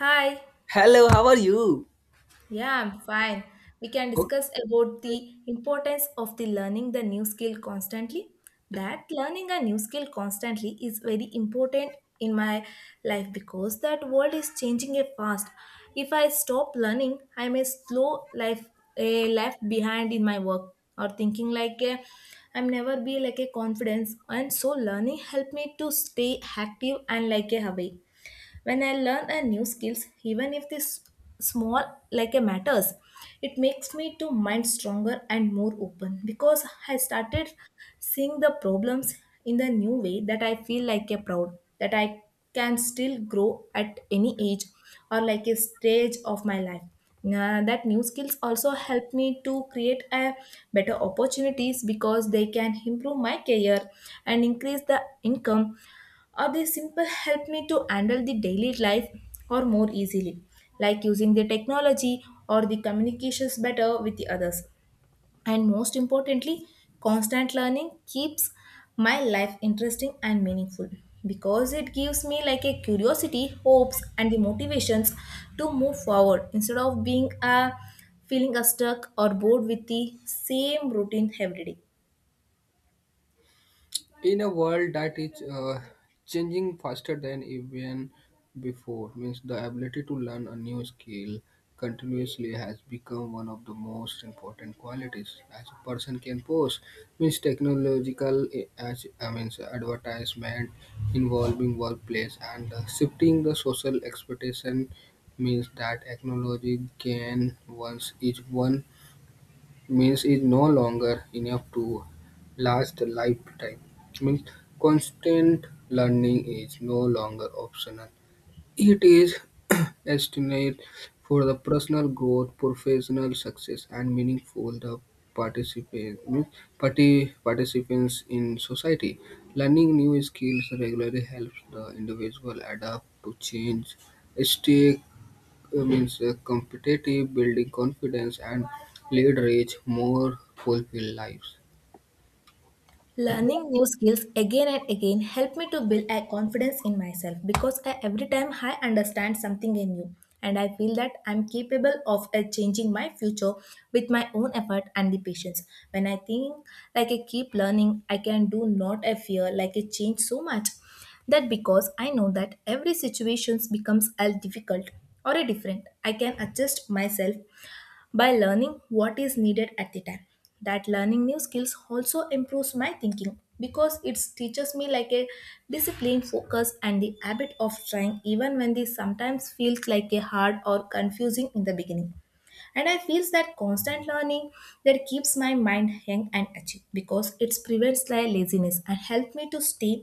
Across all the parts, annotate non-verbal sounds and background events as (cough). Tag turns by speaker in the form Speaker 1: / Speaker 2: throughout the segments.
Speaker 1: Hi.
Speaker 2: Hello, how are you?
Speaker 1: Yeah, I'm fine. We can
Speaker 2: Oh,
Speaker 1: discuss about the importance of the learning the new skill constantly. That learning a new skill constantly is very important in my life because that world is changing it fast. If I stop learning, I may slow life left behind in my work or thinking like I'm never be like a confidence. And so learning help me to stay active and like a away when I learn a new skills, even if this small like a matters, it makes me to mind stronger and more open because I started seeing the problems in the new way that I feel like a proud that I can still grow at any age or like a stage of my life. Nah, that new skills also help me to create a better opportunities because they can improve my career and increase the income, or they simple help me to handle the daily life or more easily, like using the technology or the communications better with the others. And most importantly, constant learning keeps my life interesting and meaningful because it gives me like a curiosity, hopes and the motivations to move forward instead of being a feeling a stuck or bored with the same routine every day.
Speaker 2: in a world that is changing faster than even before, means the ability to learn a new skill continuously has become one of the most important qualities as a person can possess. Means technological as I means advertisement involving workplace and the shifting the social expectation means that technology can once is one means is no longer enough to last a lifetime. Means constant learning is no longer optional. It is (clears throat) estimated for the personal growth, professional success, and meaningful the participate, means participants in society. Learning new skills regularly helps the individual adapt to change, stay means competitive, building confidence, and lead rich, more fulfilled lives.
Speaker 1: Learning new skills again and again helped me to build a confidence in myself because I, every time I understand something new and I feel that I'm capable of changing my future with my own effort and the patience. When I think like I keep learning, I can do not a fear like I change so much that because I know that every situation becomes a difficult or a different, I can adjust myself by learning what is needed at the time. That learning new skills also improves my thinking because it teaches me like a discipline focus and the habit of trying even when this sometimes feels like a hard or confusing in the beginning. And I feels that constant learning, that keeps my mind young and active because it prevents laziness and help me to stay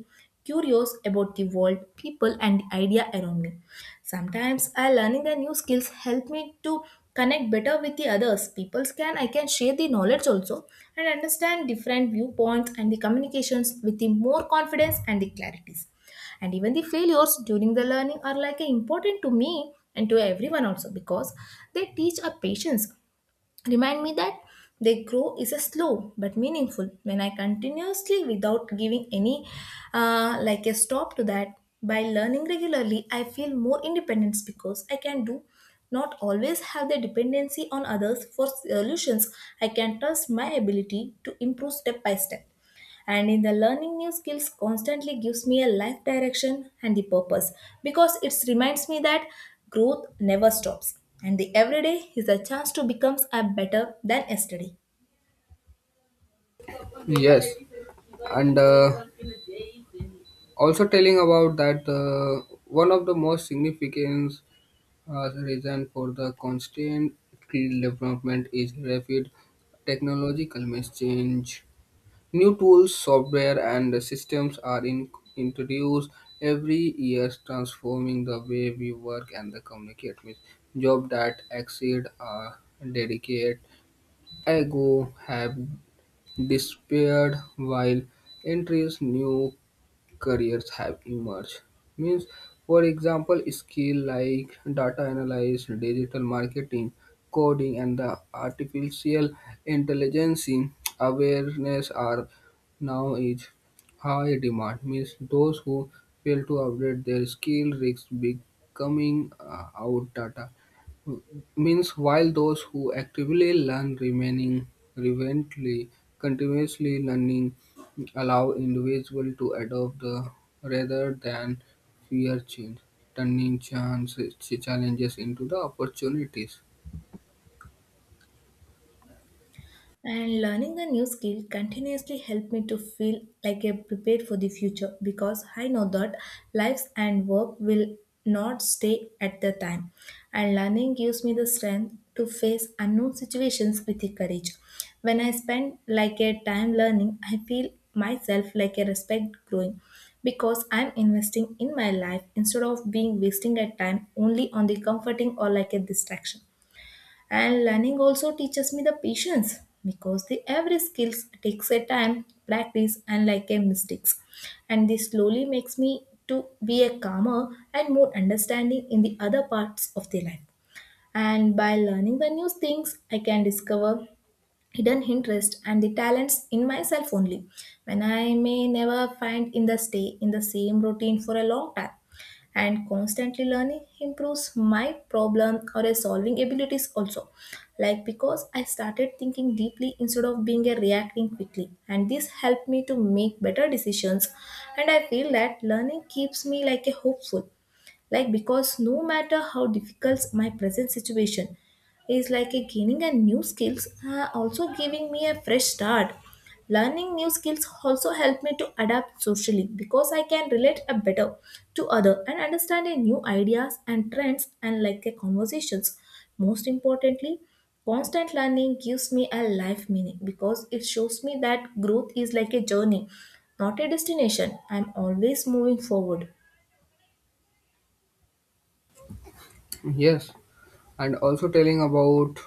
Speaker 1: curious about the world, people and the idea around me. Sometimes I learning the new skills help me to connect better with the others people. Can I can share the knowledge also and understand different viewpoints and the communications with the more confidence and the clarities. And even the failures during the learning are like important to me and to everyone also because they teach our patience, remind me that they grow is a slow but meaningful when I continuously without giving any like a stop to that. By learning regularly I feel more independence because I can do not always have the dependency on others for solutions. I can trust my ability to improve step by step. And in the learning new skills constantly gives me a life direction and the purpose because it reminds me that growth never stops and the everyday is a chance to become a better than yesterday.
Speaker 2: Yes, and also telling about that one of the most significant reason for the constant development is rapid technological means change. New tools, software, and systems are introduced every year, transforming the way we work and the communicate. With jobs that exceed a dedicated ago have disappeared, while entries new careers have emerged. Means, for example, skills like data analysis, digital marketing, coding, and the artificial intelligence awareness are now is high demand. Means those who fail to update their skill risk becoming out data, means while those who actively learn remaining relevantly continuously learning allow individual to adopt the rather than fear change turning chance challenges into the opportunities.
Speaker 1: And learning a new skill continuously helped me to feel like I'm prepared for the future because I know that lives and work will not stay at the time. And learning gives me the strength to face unknown situations with the courage. When I spend like a time learning, I feel myself like a respect growing because I'm investing in my life instead of being wasting a time only on the comforting or like a distraction. And learning also teaches me the patience because the every skills takes a time, practice, and like a mistakes. And this slowly makes me to be a calmer and more understanding in the other parts of the life. And by learning the new things, I can discover hidden interest and the talents in myself only when I may never find in the stay in the same routine for a long time. And constantly learning improves my problem or a solving abilities also, like because I started thinking deeply instead of being a reacting quickly, and this helped me to make better decisions. And I feel that learning keeps me like a hopeful, like because no matter how difficult my present situation is, like a gaining a new skills also giving me a fresh start. Learning new skills also help me to adapt socially because I can relate a better to other and understand a new ideas and trends and like a conversations. Most importantly, constant learning gives me a life meaning because it shows me that growth is like a journey, not a destination. I'm always moving forward.
Speaker 2: Yes, and also telling about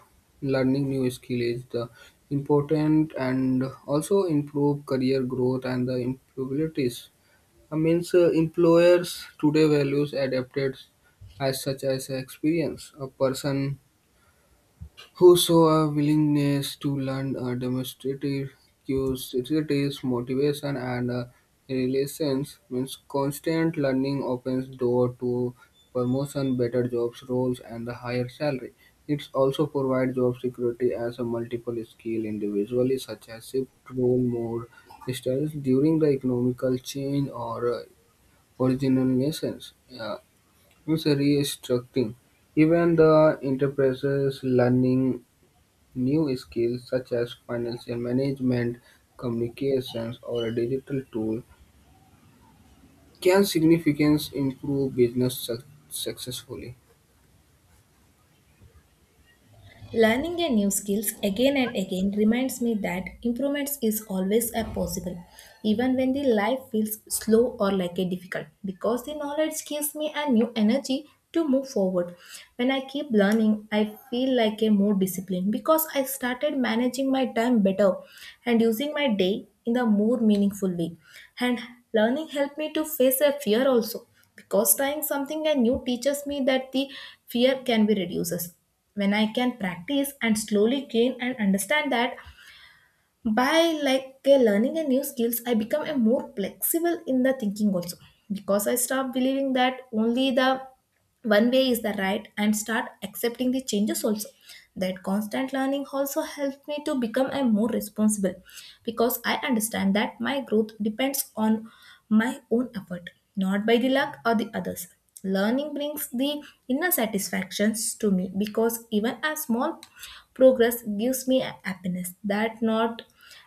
Speaker 2: learning new skill is the important and also improve career growth and the improvabilities. I means employers today values adapted as such as experience. A person who show a willingness to learn a demonstrative curiosity, motivation, and relations, means constant learning opens door to promotion, better jobs roles, and a higher salary. It also provides job security as a multiple skill individually, such as shift role mode styles during the economical change or original missions. Yeah, it's a restructuring. Even the enterprises learning new skills such as financial management, communications, or a digital tool can significantly improve business successfully.
Speaker 1: Learning a new skills again and again reminds me that improvements is always a possible, even when the life feels slow or like a difficult, because the knowledge gives me a new energy to move forward. When I keep learning, I feel like a more disciplined because I started managing my time better and using my day in a more meaningful way. And learning helped me to face a fear also because trying something and new teaches me that the fear can be reduced when I can practice and slowly gain and understand that. By like learning a new skills, I become a more flexible in the thinking also because I stop believing that only the one way is the right and start accepting the changes also. That constant learning also helped me to become a more responsible because I understand that my growth depends on my own effort, not by the luck or the others. Learning brings the inner satisfactions to me because even a small progress gives me a happiness that not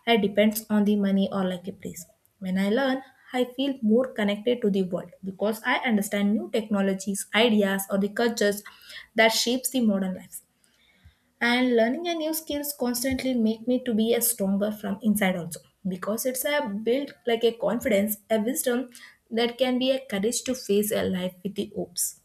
Speaker 1: it depends on the money or like a place. When I learn, I feel more connected to the world because I understand new technologies, ideas, or the cultures that shapes the modern life. And learning a new skills constantly make me to be a stronger from inside also because it's a build like a confidence, a wisdom that can be a courage to face a life with the hopes.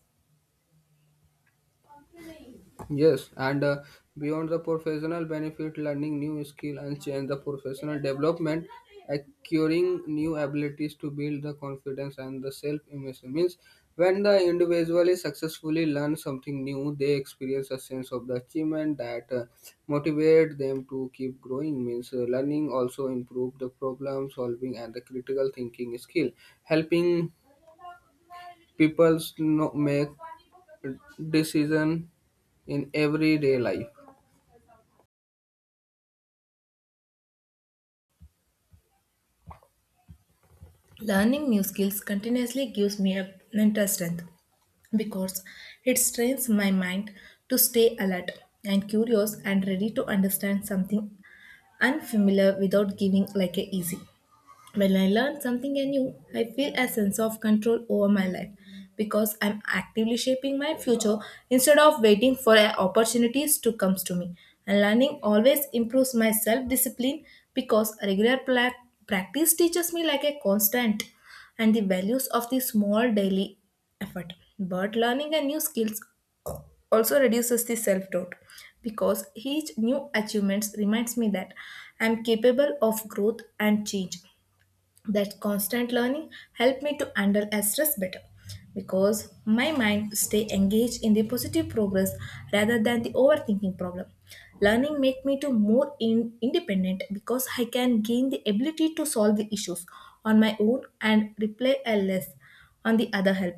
Speaker 2: Yes, and beyond the professional benefit, learning new skill and change the professional development, acquiring new abilities to build the confidence and the self-image, means when the individual is successfully learn something new, they experience a sense of the achievement that motivate them to keep growing. Means learning also improve the problem solving and the critical thinking skill, helping people, no, make decision in everyday life.
Speaker 1: Learning new skills continuously gives me a mental strength because it trains my mind to stay alert and curious and ready to understand something unfamiliar without giving like a easy. When I learn something new, I feel a sense of control over my life because I'm actively shaping my future instead of waiting for opportunities to come to me. And learning always improves my self discipline because regular practice teaches me like a constant and the values of the small daily effort. But learning a new skills also reduces the self doubt because each new achievements reminds me that I'm capable of growth and change. That constant learning helped me to handle stress better because my mind stay engaged in the positive progress rather than the overthinking problem. Learning make me to more independent because I can gain the ability to solve the issues on my own and rely less on the other help.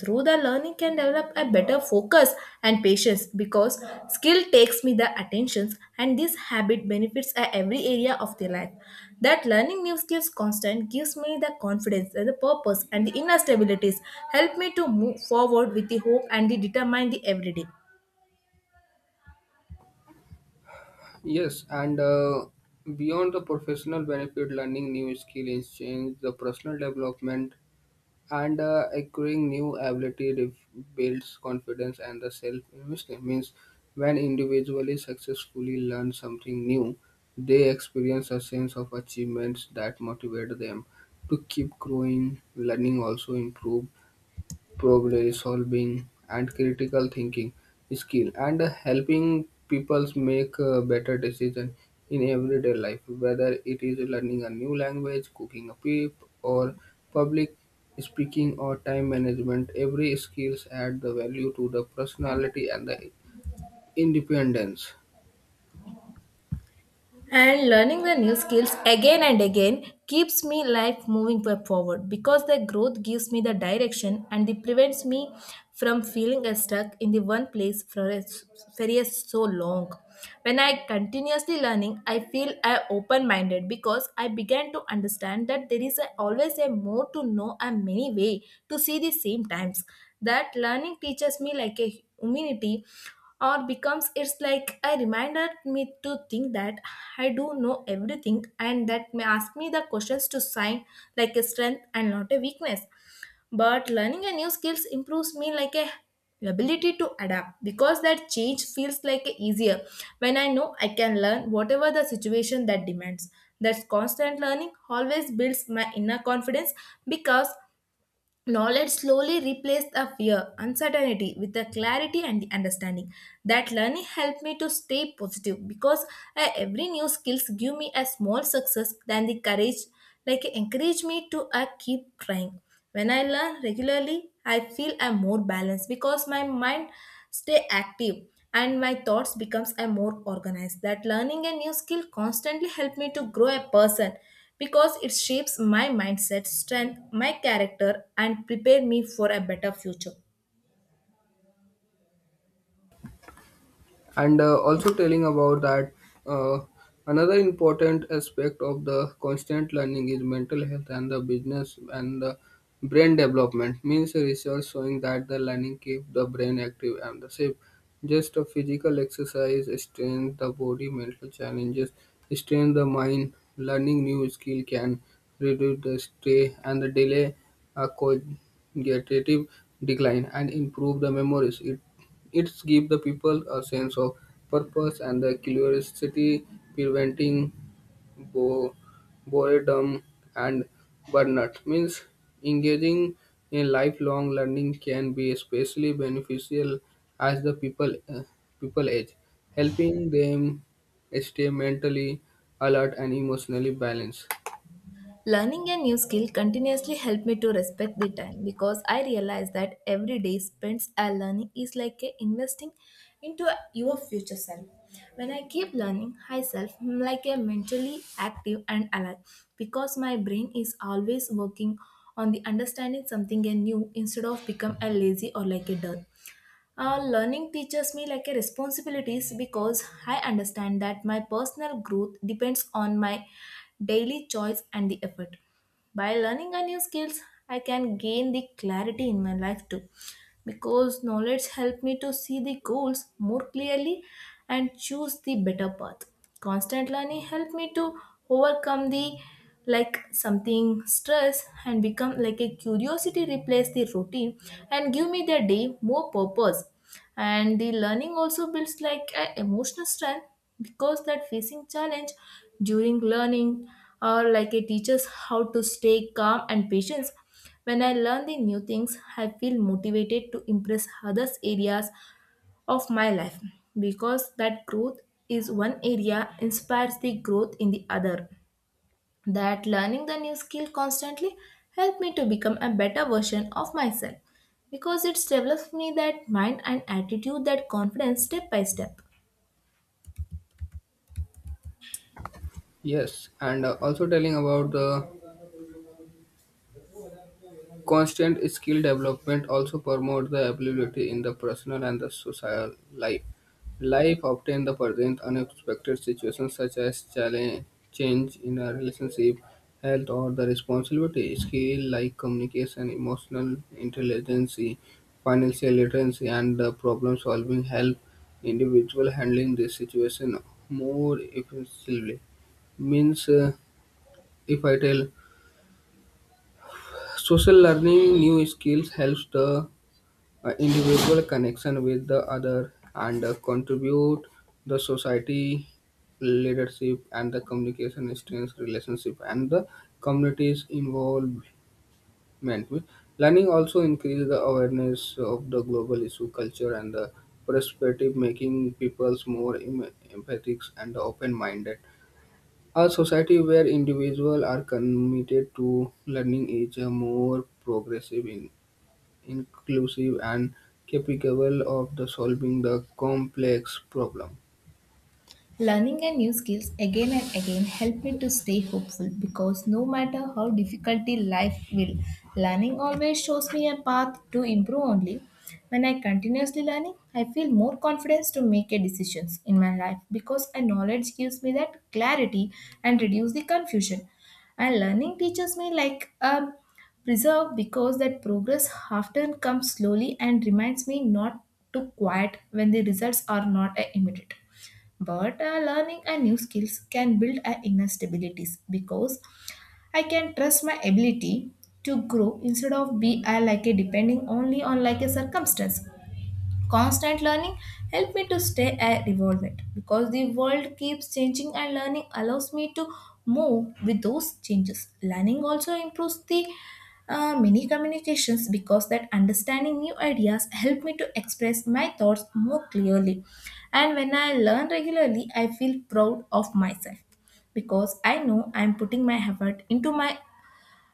Speaker 1: Through the learning can develop a better focus and patience because skill takes me the attentions, and this habit benefits a every area of the life. That learning new skills constant gives me the confidence and the purpose and the inner stabilities, help me to move forward with the hope and the determine the everyday.
Speaker 2: Yes, and beyond the professional benefit, learning new skill is change the personal development and acquiring new ability builds confidence and the self esteem. Means when individually successfully learn something new, they experience a sense of achievements that motivate them to keep growing. Learning also improve problem solving and critical thinking skill and helping people make better decisions in everyday life, whether it is learning a new language, cooking a pip, or public speaking, or time management. Every skills add the value to the personality and the independence.
Speaker 1: And learning the new skills again and again keeps me life moving forward because the growth gives me the direction and it prevents me from feeling stuck in the one place for a very a so long. When I continuously learning, I feel I open minded because I began to understand that there is always a more to know and many way to see the same times. That learning teaches me like a humanity or becomes it's like a reminder me to think that I do know everything, and that may ask me the questions to sign like a strength and not a weakness. But learning a new skills improves me like a ability to adapt because that change feels like a easier when I know I can learn whatever the situation that demands. That constant learning always builds my inner confidence because knowledge slowly replaced the fear, uncertainty with the clarity and the understanding. That learning helped me to stay positive because every new skills give me a small success than the courage, like encourage me to keep trying. When I learn regularly, I feel I'm more balanced because my mind stay active and my thoughts becomes a more organized. That learning a new skill constantly help me to grow a person because it shapes my mindset, strength, my character, and prepare me for a better future.
Speaker 2: And also telling about that uh, another important aspect of the constant learning is mental health and the business and the brain development, means research showing that the learning keep the brain active and the safe, just a physical exercise strain the body, mental challenges strain the mind. Learning new skill can reduce the stay and the delay a cognitive decline and improve the memories. It gives the people a sense of purpose and the curiosity, preventing bo- boredom and burnout. Means engaging in lifelong learning can be especially beneficial as the people age, helping them stay mentally alert and emotionally balanced.
Speaker 1: Learning a new skill continuously helped me to respect the time because I realize that every day spent a learning is like a investing into your future self. When I keep learning myself, I'm like a mentally active and alive because my brain is always working on the understanding something new instead of become a lazy or like a dull. Learning teaches me like a responsibilities because I understand that my personal growth depends on my daily choice and the effort. By learning a new skills, I can gain the clarity in my life too. Because knowledge help me to see the goals more clearly and choose the better path. Constant learning help me to overcome the like something stress and become like a curiosity replace the routine and give me the day more purpose, and the learning also builds like a emotional strength because that facing challenge during learning or like it teaches how to stay calm and patience. When I learn the new things, I feel motivated to impress others areas of my life because that growth is one area inspires the growth in the other. That learning the new skill constantly helped me to become a better version of myself because it's developed me that mind and attitude, that confidence step by step.
Speaker 2: Yes, and also telling about the constant skill development also promotes the ability in the personal and the social life. Life often the present unexpected situations such as challenge, change in a relationship, health, or the responsibility. Skill like communication, emotional intelligence, financial literacy, and the problem solving help individual handling this situation more effectively. Means, if I tell, social learning new skills helps the individual connection with the other and contribute the society. Leadership and the communication strength relationship and the communities involvement. With learning also increase the awareness of the global issue, culture, and the perspective, making peoples more empathic and open-minded. A society where individuals are committed to learning is a more progressive, in inclusive, and capable of the solving the complex problem.
Speaker 1: Learning a new skills again and again help me to stay hopeful because no matter how difficulty life will, learning always shows me a path to improve only. When I continuously learning, I feel more confidence to make a decisions in my life because a knowledge gives me that clarity and reduce the confusion. And learning teaches me like a preserve because that progress often comes slowly and reminds me not to quiet when the results are not immediate. But learning a new skills can build a inner stabilities because I can trust my ability to grow instead of be like a depending only on like a circumstance. Constant learning helped me to stay at evolved because the world keeps changing and learning allows me to move with those changes. Learning also improves the many communications because that understanding new ideas help me to express my thoughts more clearly. And when I learn regularly, I feel proud of myself because I know I am putting my effort into my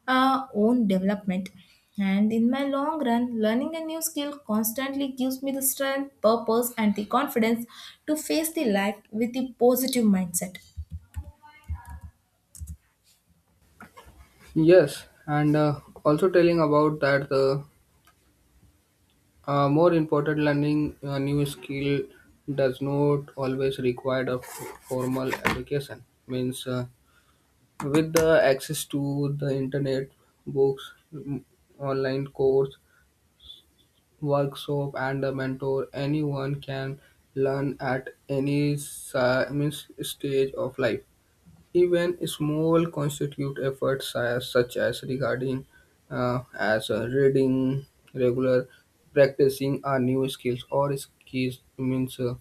Speaker 1: own development. And in my long run, learning a new skill constantly gives me the strength, purpose, and the confidence to face the life with a positive mindset.
Speaker 2: Yes, and also telling about that the more important learning a new skill does not always require a formal education, means with the access to the internet, books, online course, workshop, and a mentor, anyone can learn at any means stage of life. Even small constitute efforts such as regarding as reading regular, practicing a new skills or skills, means uh,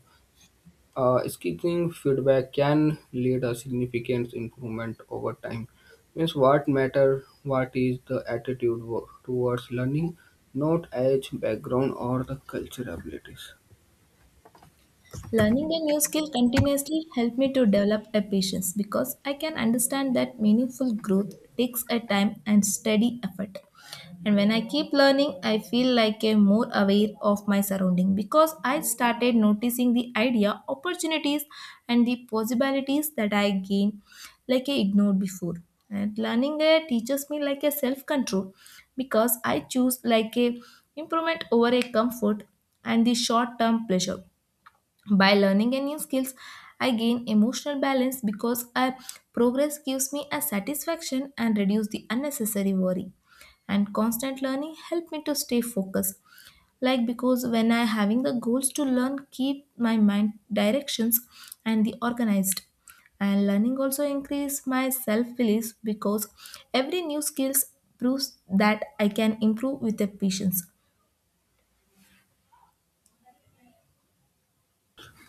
Speaker 2: uh, skipping feedback can lead a significant improvement over time. Means what matter what is the attitude towards learning, not age, background, or the cultural abilities.
Speaker 1: Learning a new skill continuously helped me to develop a patience because I can understand that meaningful growth takes a time and steady effort. And when I keep learning, I feel like a more aware of my surrounding because I started noticing the idea, opportunities, and the possibilities that I gain like I ignored before. And learning teaches me like a self control because I choose like a improvement over a comfort and the short term pleasure. By learning a new skills, I gain emotional balance because I progress gives me a satisfaction and reduce the unnecessary worry. And constant learning help me to stay focused. Like because when I having the goals to learn, keep my mind directions and the organized. And learning also increase my self belief because every new skills proves that I can improve with the patience.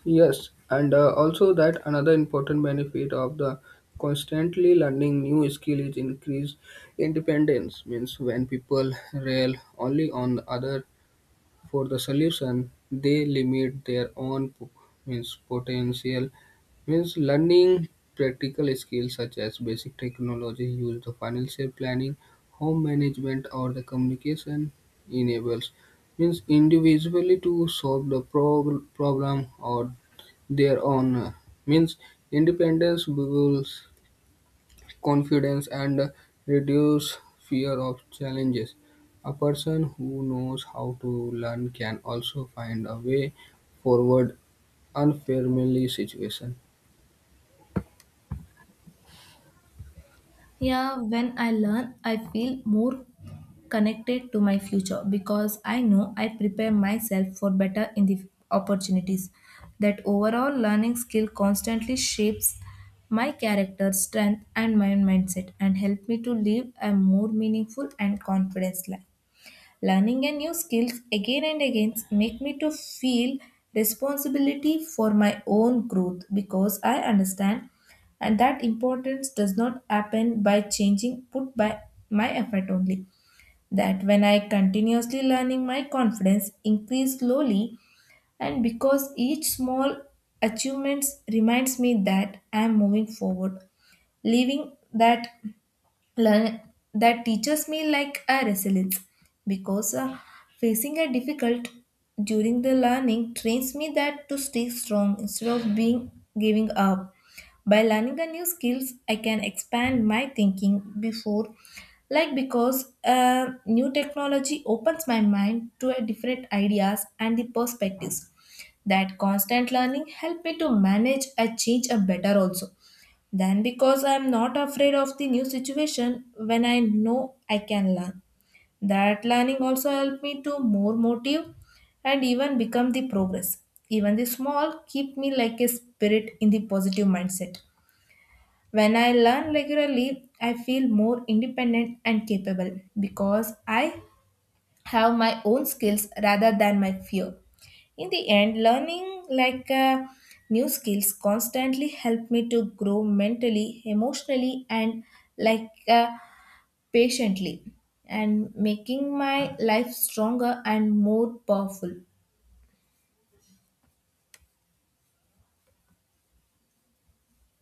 Speaker 2: Yes, and also that another important benefit of the constantly learning new skill is increased independence. Means when people rely only on other for the solution, they limit their own means potential, means learning practical skills such as basic technology use, the financial planning, home management, or the communication enables, means individually to solve the problem or their own means independence goals, confidence, and reduce fear of challenges. A person who knows how to learn can also find a way forward unfamiliar situation.
Speaker 1: Yeah, when I learn, I feel more connected to my future because I know I prepare myself for better in the opportunities. That overall learning skill constantly shapes my character, strength, and my mindset and help me to live a more meaningful and confident life. Learning a new skills again and again make me to feel responsibility for my own growth because I understand and that importance does not happen by changing put by my effort only. That when I continuously learning my confidence increase slowly and because each small achievements reminds me that I am moving forward, leaving that learn that teaches me like a resilience because facing a difficult during the learning trains me that to stay strong instead of being giving up. By learning the new skills, I can expand my thinking before, like, because new technology opens my mind to a different ideas and the perspectives. That constant learning help me to manage a change a better also then, because I am not afraid of the new situation when I know I can learn. That learning also helped me to more motive and even become the progress. Even the small keep me like a spirit in the positive mindset. When I learn regularly, I feel more independent and capable because I have my own skills rather than my fear. In the end, learning like new skills constantly help me to grow mentally, emotionally, and like patiently, and making my life stronger and more powerful.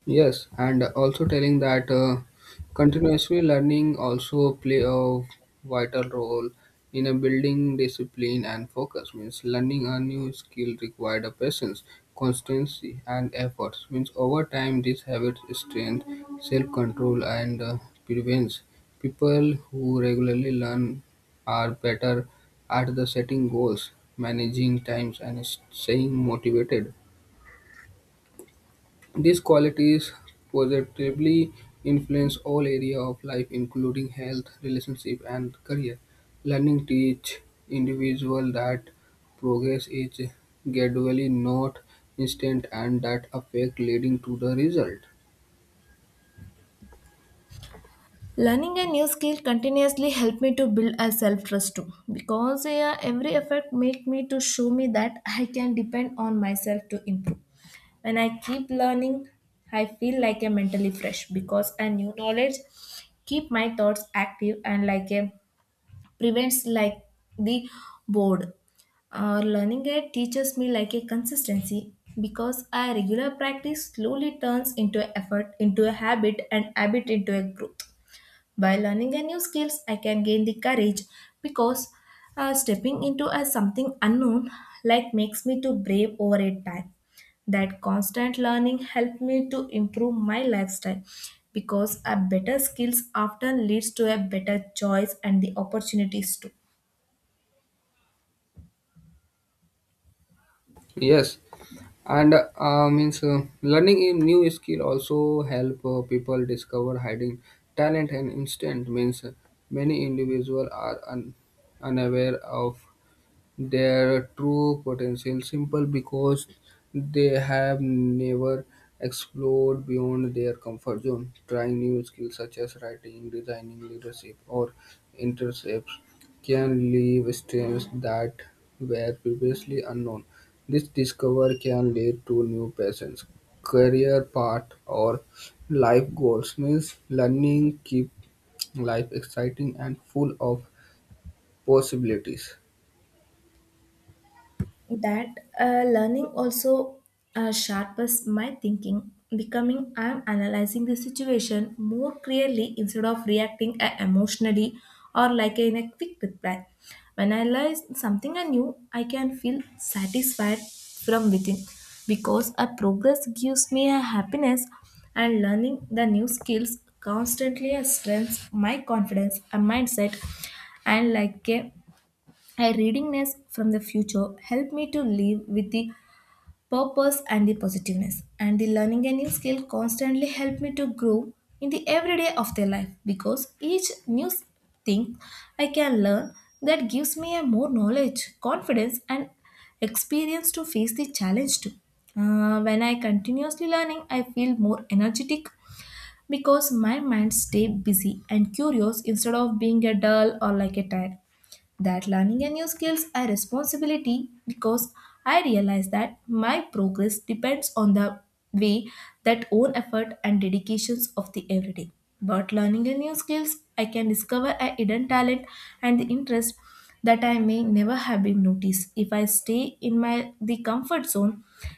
Speaker 2: Yes, and also telling that continuously learning also play a vital role in a building discipline and focus. Means learning a new skill required a patience, constancy, and efforts. Means over time, this habit strengthen self-control and prevents. People who regularly learn are better at the setting goals, managing times, and staying motivated. These qualities positively influence all areas of life, including health, relationship, and career. Learning teach individual that progress is gradually, not instant, and that affect leading to the result.
Speaker 1: Learning a new skill continuously helped me to build a self trust too, because yeah, every effort make me to show me that I can depend on myself to improve. When I keep learning, I feel like a mentally fresh because a new knowledge keep my thoughts active and like a prevents like the bored. Learning it teaches me like a consistency because a regular practice slowly turns into effort into a habit and habit into a group. By learning a new skills, I can gain the courage because stepping into a something unknown like makes me to brave over a time. That constant learning helped me to improve my lifestyle because a better skills often leads to a better choice and the opportunities too.
Speaker 2: Yes, and means learning a new skill also help people discover hiding talent and instant, means many individuals are unaware of their true potential simple because they have never explored beyond their comfort zone. Trying new skills such as writing, designing, leadership, or intercepts can leave strengths that were previously unknown. This discovery can lead to new passions, career path, or life goals. Means learning keep life exciting and full of possibilities.
Speaker 1: That learning also sharpens my thinking becoming I'm analyzing the situation more clearly instead of reacting emotionally or like in a quick reply. When I learn something new, I can feel satisfied from within because a progress gives me a happiness, and learning the new skills constantly strengthens my confidence and mindset and like a readingness from the future helped me to live with the purpose and the positiveness. And the learning a new skill constantly helped me to grow in the everyday of their life because each new thing I can learn, that gives me a more knowledge, confidence, and experience to face the challenge too. When I continuously learning, I feel more energetic because my mind stay busy and curious instead of being a dull or like a tired. That learning a new skills a responsibility because I realize that my progress depends on the way, that own effort and dedications of the everyday. But learning a new skills, I can discover a hidden talent and the interest that I may never have been noticed. If I stay in my the comfort zone,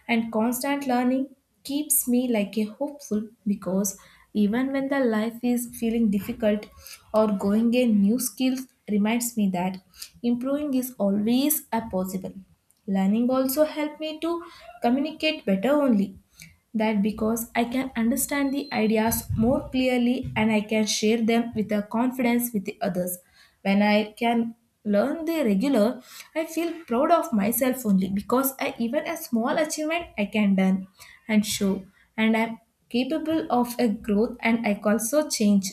Speaker 1: and constant learning keeps me like a hopeful because even when the life is feeling difficult or going a new skill reminds me that improving is always a possible. Learning also helped me to communicate better only that because I can understand the ideas more clearly, and I can share them with a confidence with the others. When I can learn the regular, I feel proud of myself only because I even a small achievement I can done and show, and I'm capable of a growth and I also change.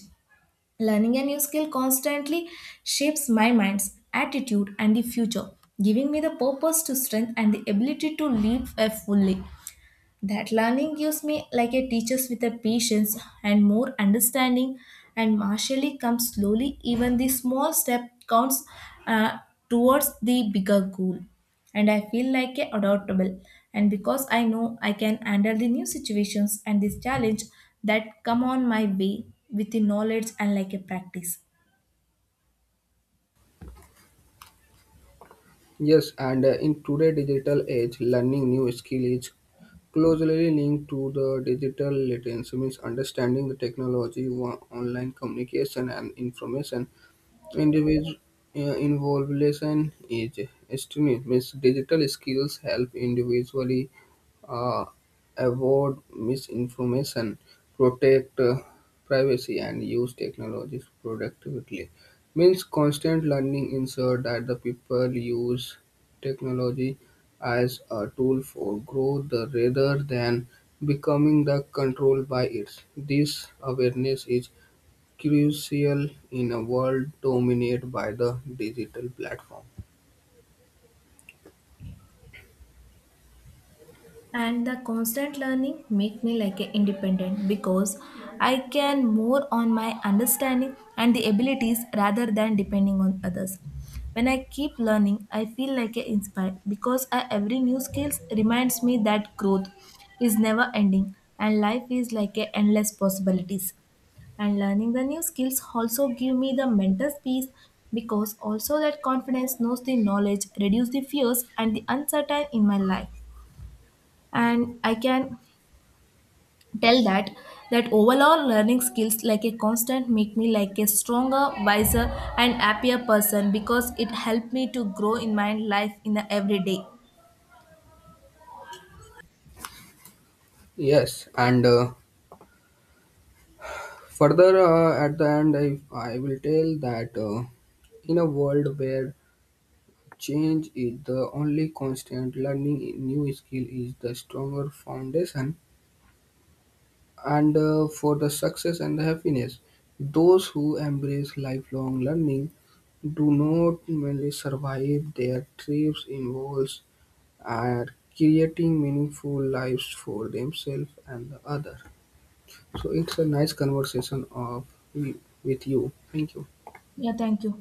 Speaker 1: Learning a new skill constantly shapes my mind's attitude and the future, giving me the purpose to strength and the ability to live a fully. That learning gives me like a teacher's with a patience and more understanding and martially comes slowly. Even the small step counts uh, towards the bigger goal. And I feel like a adaptable. And because I know I can handle the new situations and this challenge that come on my way with the knowledge and like a practice.
Speaker 2: Yes, and in today's digital age, learning new skill is closely linked to the digital literacy, means understanding the technology, online communication, and information. Individual involvement is extreme. Means digital skills help individually uh, avoid misinformation, protect privacy, and use technologies productively. Means constant learning ensure that the people use technology as a tool for growth rather than becoming the control by it. This awareness is crucial in a world dominated by the digital platform.
Speaker 1: And the constant learning make me like a independent because I can more on my understanding and the abilities rather than depending on others. When I keep learning, I feel like a inspired because every new skills reminds me that growth is never ending and life is like a endless possibilities. And learning the new skills also give me the mental peace because also that confidence knows the knowledge reduce the fears and the uncertain in my life. And I can tell that, that overall learning skills like a constant make me like a stronger wiser and happier person because it helped me to grow in my life in the everyday.
Speaker 2: Yes, and further, at the end, I will tell that in a world where change is the only constant, learning new skill is the stronger foundation and for the success and the happiness. Those who embrace lifelong learning do not merely survive their trips involves and creating meaningful lives for themselves and the other. So it's a nice conversation of with you. Thank you.
Speaker 1: Yeah, thank you.